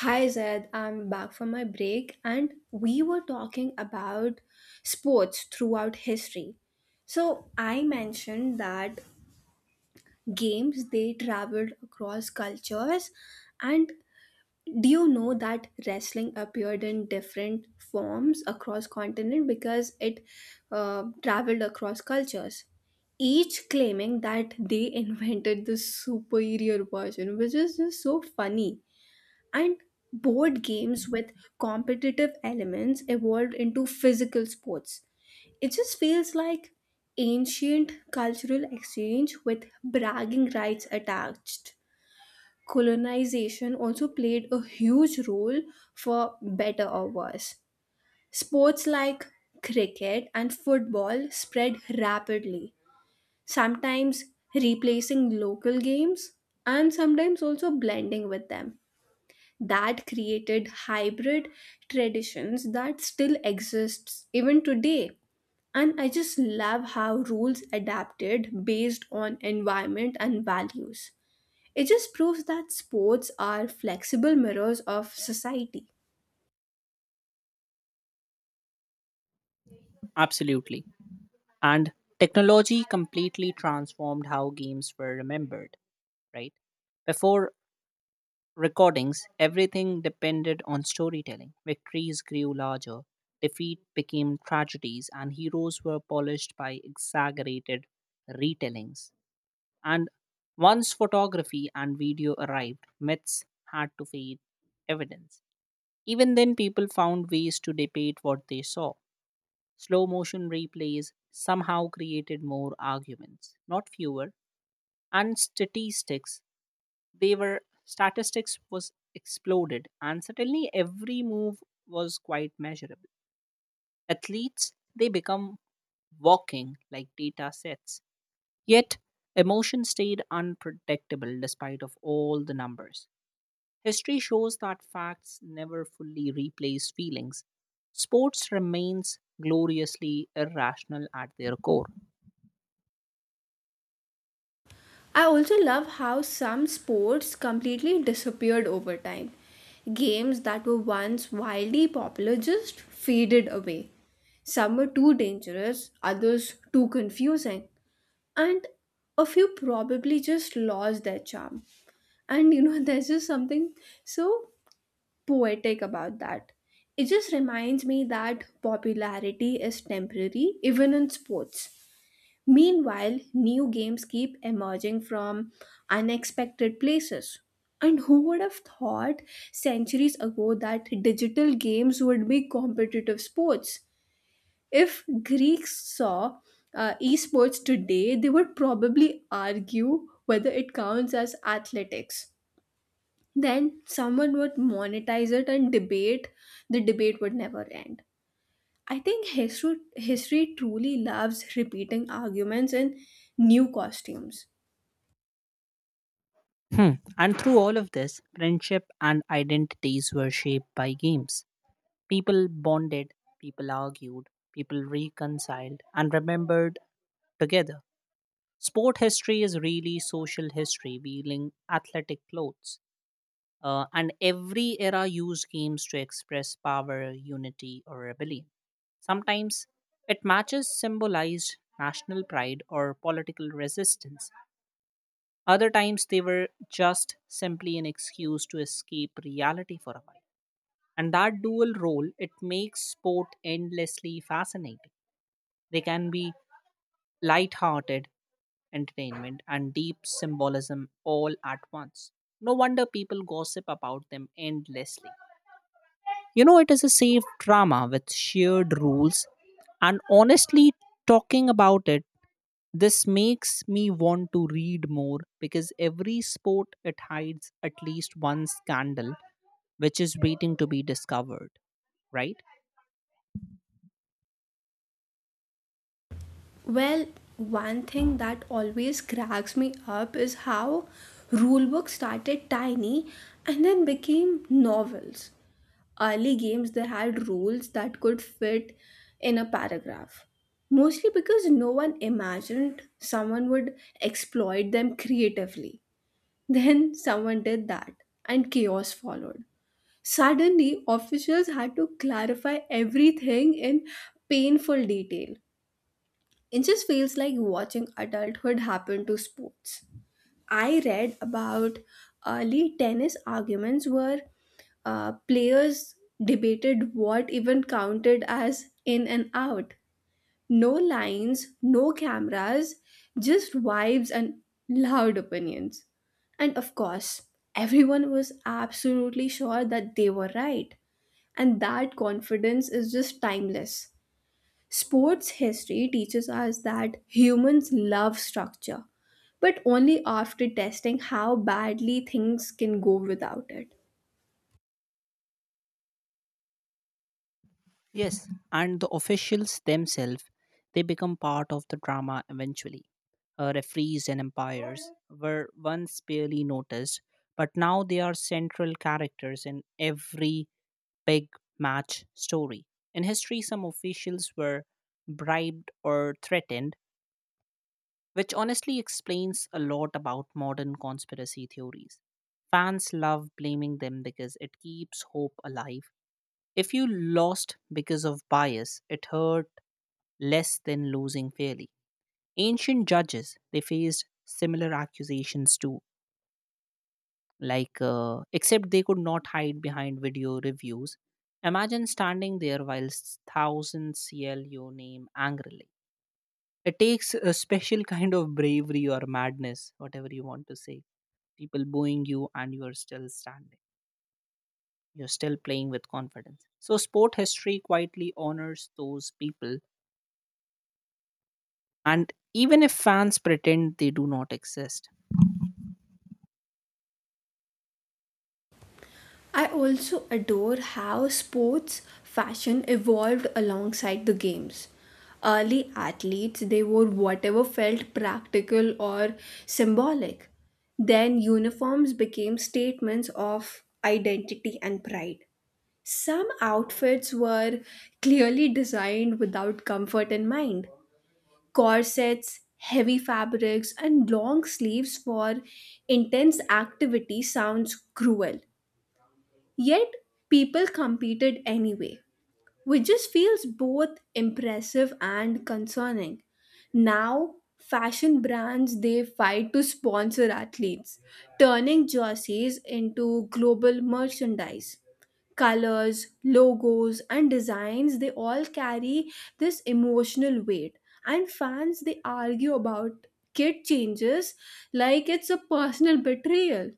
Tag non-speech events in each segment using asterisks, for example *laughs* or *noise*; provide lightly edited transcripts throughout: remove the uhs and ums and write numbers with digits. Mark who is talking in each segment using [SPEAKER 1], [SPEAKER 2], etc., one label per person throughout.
[SPEAKER 1] Hi Zed, I'm back from my break and we were talking about sports throughout history. So I mentioned that games they traveled across cultures and do you know that wrestling appeared in different forms across continent because it traveled across cultures, each claiming that they *laughs* invented the superior version, which is just so funny. And board games with competitive elements evolved into physical sports. It just feels like ancient cultural exchange with bragging rights attached. Colonization also played a huge role, for better or worse. Sports like cricket and football spread rapidly, sometimes replacing local games and sometimes also blending with them, that created hybrid traditions that still exists even today. And I just love how rules adapted based on environment and values. It just proves that sports are flexible mirrors of society.
[SPEAKER 2] Absolutely. And technology completely transformed how games were remembered, right? Before recordings, everything depended on storytelling. Victories grew larger, defeat became tragedies, and heroes were polished by exaggerated retellings. And once photography and video arrived, myths had to feed evidence. Even then, people found ways to debate what they saw. Slow motion replays somehow created more arguments, not fewer. And statistics, they were statistics was exploded, and suddenly every move was quite measurable. Athletes, they become walking like data sets. Yet emotion stayed unpredictable despite of all the numbers. History shows that facts never fully replace feelings. Sports remains gloriously irrational at their core.
[SPEAKER 1] I also love how some sports completely disappeared over time. Games that were once wildly popular just faded away. Some were too dangerous, others too confusing. And a few probably just lost their charm, and *laughs* there's just something so poetic about that. It just reminds me that popularity is temporary even in sports. Meanwhile new games keep emerging from unexpected places, and who would have thought centuries ago that digital games would be competitive sports? If Greeks saw esports today, they would probably argue whether it counts as athletics. Then someone would monetize it and debate. The debate would never end. I think history truly loves repeating arguments in new costumes.
[SPEAKER 2] Hmm. And through all of this, friendship and identities were shaped by games. People bonded, people argued, people reconciled, and remembered together. Sport history is really social history, wearing athletic clothes. And every era used games to express power, unity, or rebellion. Sometimes it matches symbolized national pride or political resistance. Other times they were just simply an excuse to escape reality for a while. And that dual role, it makes sport endlessly fascinating. They can be light-hearted entertainment and deep symbolism all at once. No wonder people gossip about them endlessly. You know, it is a safe drama with shared rules, and honestly, talking about it, this makes me want to read more because every sport it hides at least one scandal which is waiting to be discovered, right?
[SPEAKER 1] Well, one thing that always cracks me up is how rulebooks started tiny and then became novels. Early games they had rules that could fit in a paragraph. Mostly because no one imagined someone would exploit them creatively. *laughs* Then someone did that and chaos followed. Suddenly, officials had to clarify everything in painful detail. It just feels like watching adulthood happen to sports. I read about early tennis arguments where players debated what even counted as in and out. No lines, no cameras, just vibes and loud opinions. And of course, everyone was absolutely sure that they were right. And that confidence is just timeless. Sports history teaches us that humans love structure, but only after testing how badly things can go without it.
[SPEAKER 2] Yes, and the officials themselves they become part of the drama eventually. Referees and umpires were once barely noticed, but now they are central characters in every big match story. In history, some officials were bribed or threatened which honestly explains a lot about modern conspiracy theories. Fans love blaming them because it keeps hope alive. If you lost because of bias, it hurt less than losing fairly. Ancient judges, they faced similar accusations too, except they could not hide behind video reviews. Imagine standing there while thousands yell your name angrily. It takes a special kind of bravery or madness, whatever you want to say. People booing you and you are still standing. You're still playing with confidence. So, sport history quietly honors those people, and even if fans pretend they do not exist.
[SPEAKER 1] I also adore how sports fashion evolved alongside the games. Early athletes, they wore whatever felt practical or symbolic. Then uniforms became statements of identity and pride. Some outfits were clearly designed without comfort in mind. Corsets, heavy fabrics, and long sleeves for intense activity sounds cruel. Yet, people competed anyway, which just feels both impressive and concerning. Now, fashion brands they fight to sponsor athletes, turning jerseys into global merchandise. Colors, logos, and designs they all carry this emotional weight, and fans they argue about kit changes like it's a personal betrayal.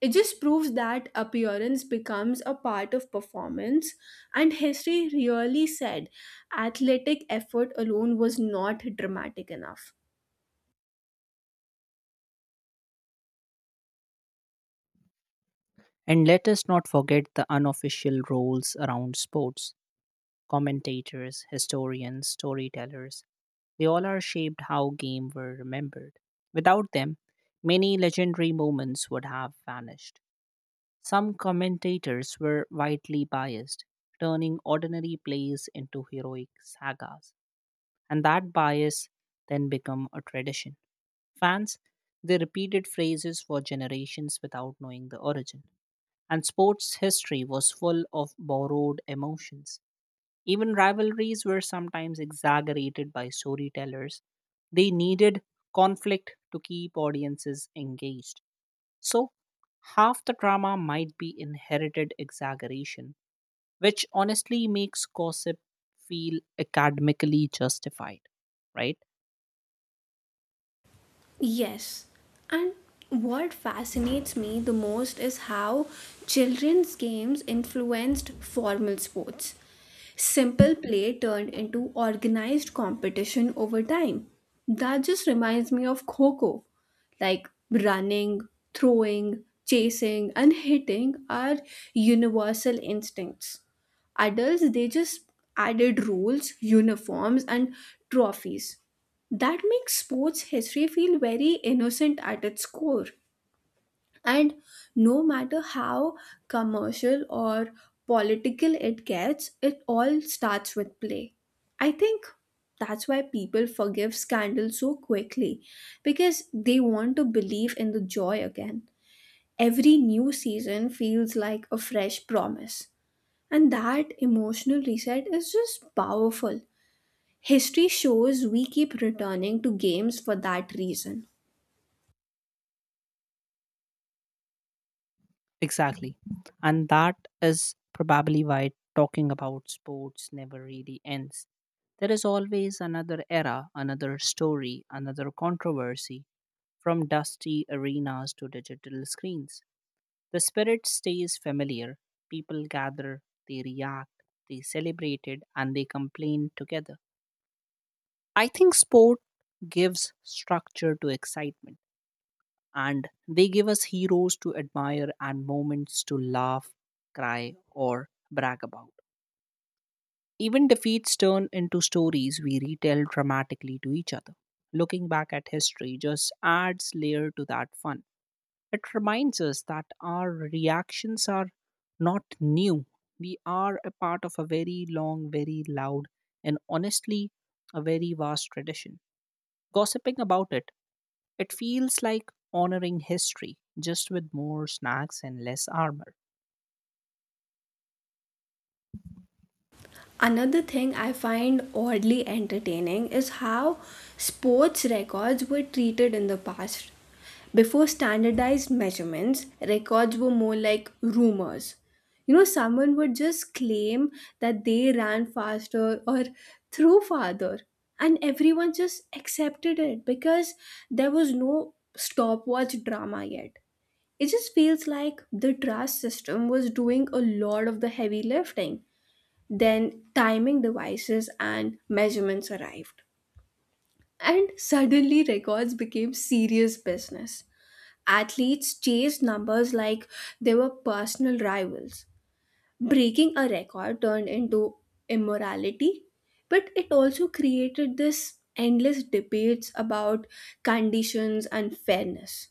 [SPEAKER 1] It just proves that appearance becomes a part of performance, and history really said athletic effort alone was not dramatic enough.
[SPEAKER 2] And let us not forget the unofficial roles around sports: commentators, historians, storytellers, they all are shaped how games were remembered. Without them, many legendary moments would have vanished. Some commentators were widely biased, turning ordinary plays into heroic sagas, and that bias then became a tradition. Fans, they repeated phrases for generations without knowing the origin. And sports history was full of borrowed emotions. Even rivalries were sometimes exaggerated by storytellers. They needed conflict to keep audiences engaged. So, half the drama might be inherited exaggeration, which honestly makes gossip feel academically justified, right?
[SPEAKER 1] Yes, and what fascinates me the most is how children's games influenced formal sports. Simple play turned into organized competition over time. That just reminds me of Coco. Like running, throwing, chasing, and hitting are universal instincts. Adults they just added rules, uniforms and trophies. That makes sports history feel very innocent at its core, and no matter how commercial or political it gets, it all starts with play. I think that's why people forgive scandals so quickly, because they want to believe in the joy again. Every new season feels like a fresh promise, and that emotional reset is just powerful. History shows we keep returning to games for that reason.
[SPEAKER 2] Exactly. And that is probably why talking about sports never really ends. There is always another era, another story, another controversy, from dusty arenas to digital screens. The spirit stays familiar. People gather, they react, they celebrate it, and they complain together. I think sport gives structure to excitement, and they give us heroes to admire and moments to laugh, cry, or brag about. Even defeats turn into stories we retell dramatically to each other. Looking back at history just adds layer to that fun. It reminds us that our reactions are not new. We are a part of a very long, very loud, and honestly, a very vast tradition. Gossiping about it, it feels like honoring history, just with more snacks and less armor.
[SPEAKER 1] Another thing I find oddly entertaining is how sports records were treated in the past. Before standardized measurements, records were more like rumors. You know, someone would just claim that they ran faster or threw farther, and everyone just accepted it because there was no stopwatch drama yet. It just feels like the trust system was doing a lot of the heavy lifting. Then timing devices and measurements arrived. And suddenly, records became serious business. Athletes chased numbers like they were personal rivals. Breaking a record turned into immorality, but it also created this endless debates about conditions and fairness.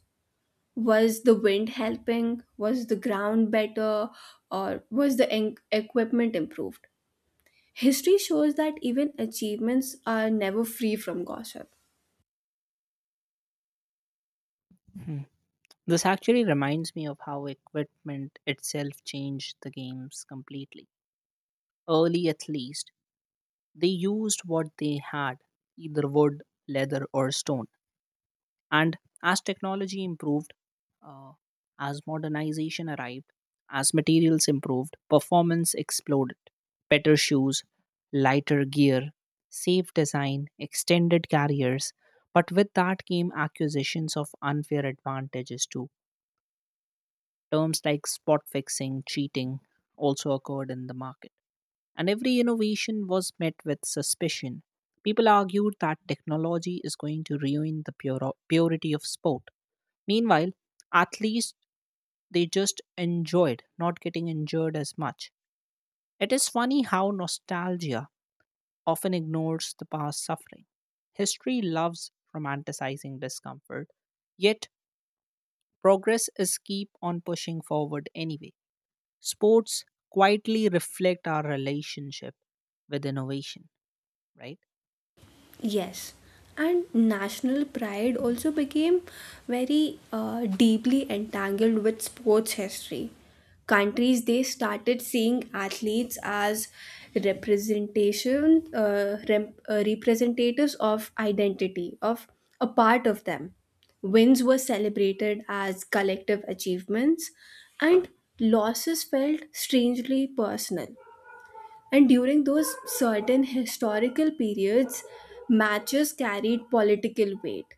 [SPEAKER 1] Was the wind helping? Was the ground better? Or was the equipment improved? History shows that even achievements are never free from gossip.
[SPEAKER 2] Mhm. This actually reminds me of how equipment itself changed the games completely. Early, at least, they used what they had, either wood, leather, or stone. And as technology improved, uh, as modernization arrived, as materials improved, performance exploded. Better shoes, lighter gear, safe design, extended carriers. But with that came accusations of unfair advantages too. Terms like spot fixing, cheating also occurred in the market. And every innovation was met with suspicion. People argued that technology is going to ruin the purity of sport. Meanwhile, athletes they just enjoyed not getting injured as much. It is funny how nostalgia often ignores the past suffering. History loves romanticizing discomfort, yet progress is keep on pushing forward anyway. Sports quietly reflect our relationship with innovation, right?
[SPEAKER 1] Yes, and national pride also became very deeply entangled with sports history. Countries they started seeing athletes as representatives of identity, of a part of them. Wins were celebrated as collective achievements, and losses felt strangely personal. And during those certain historical periods, matches carried political weight.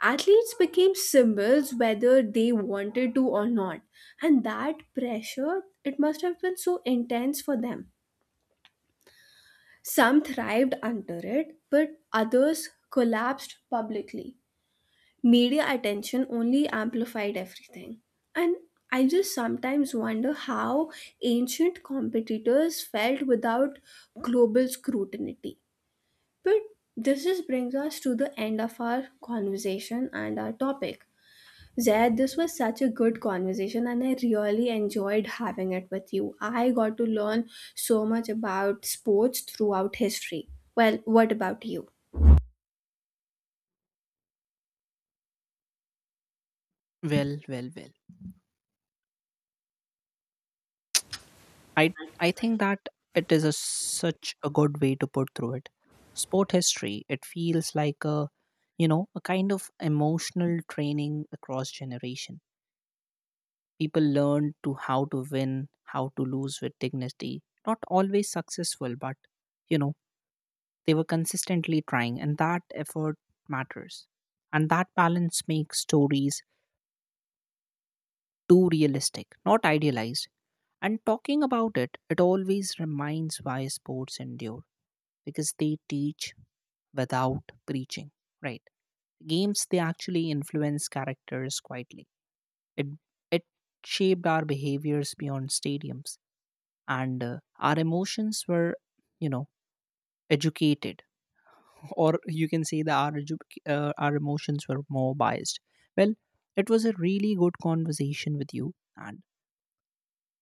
[SPEAKER 1] Athletes became symbols whether they wanted to or not, and that pressure, it must have been so intense for them. Some thrived under it, but others collapsed publicly. Media attention only amplified everything. And I just sometimes wonder how ancient competitors felt without global scrutiny. But this just brings us to the end of our conversation and our topic. Zaid, this was such a good conversation and I really enjoyed having it with you. I got to learn so much about sports throughout history. Well, what about you?
[SPEAKER 2] Well. I I think that it is a, such a good way to put through it. Sport history, it feels like a you know a kind of emotional training across generation. People learn to how to win, how to lose with dignity. Not always successful, but you know they were consistently trying, and that effort matters. And that balance makes stories too realistic, not idealized. And talking about it, it always reminds why sports endure because they teach without preaching, right? Games they actually influence characters quietly. It it shaped our behaviors beyond stadiums, and our emotions were, you know, educated, *laughs* or you can say that our our emotions were more biased. Well, it was a really good conversation with you, and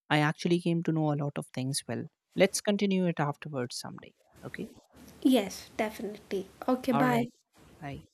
[SPEAKER 2] I actually came to know a lot of things. Well, let's continue it afterwards someday. Okay.
[SPEAKER 1] Yes, definitely. Okay,
[SPEAKER 2] All right.
[SPEAKER 1] bye.
[SPEAKER 2] Bye.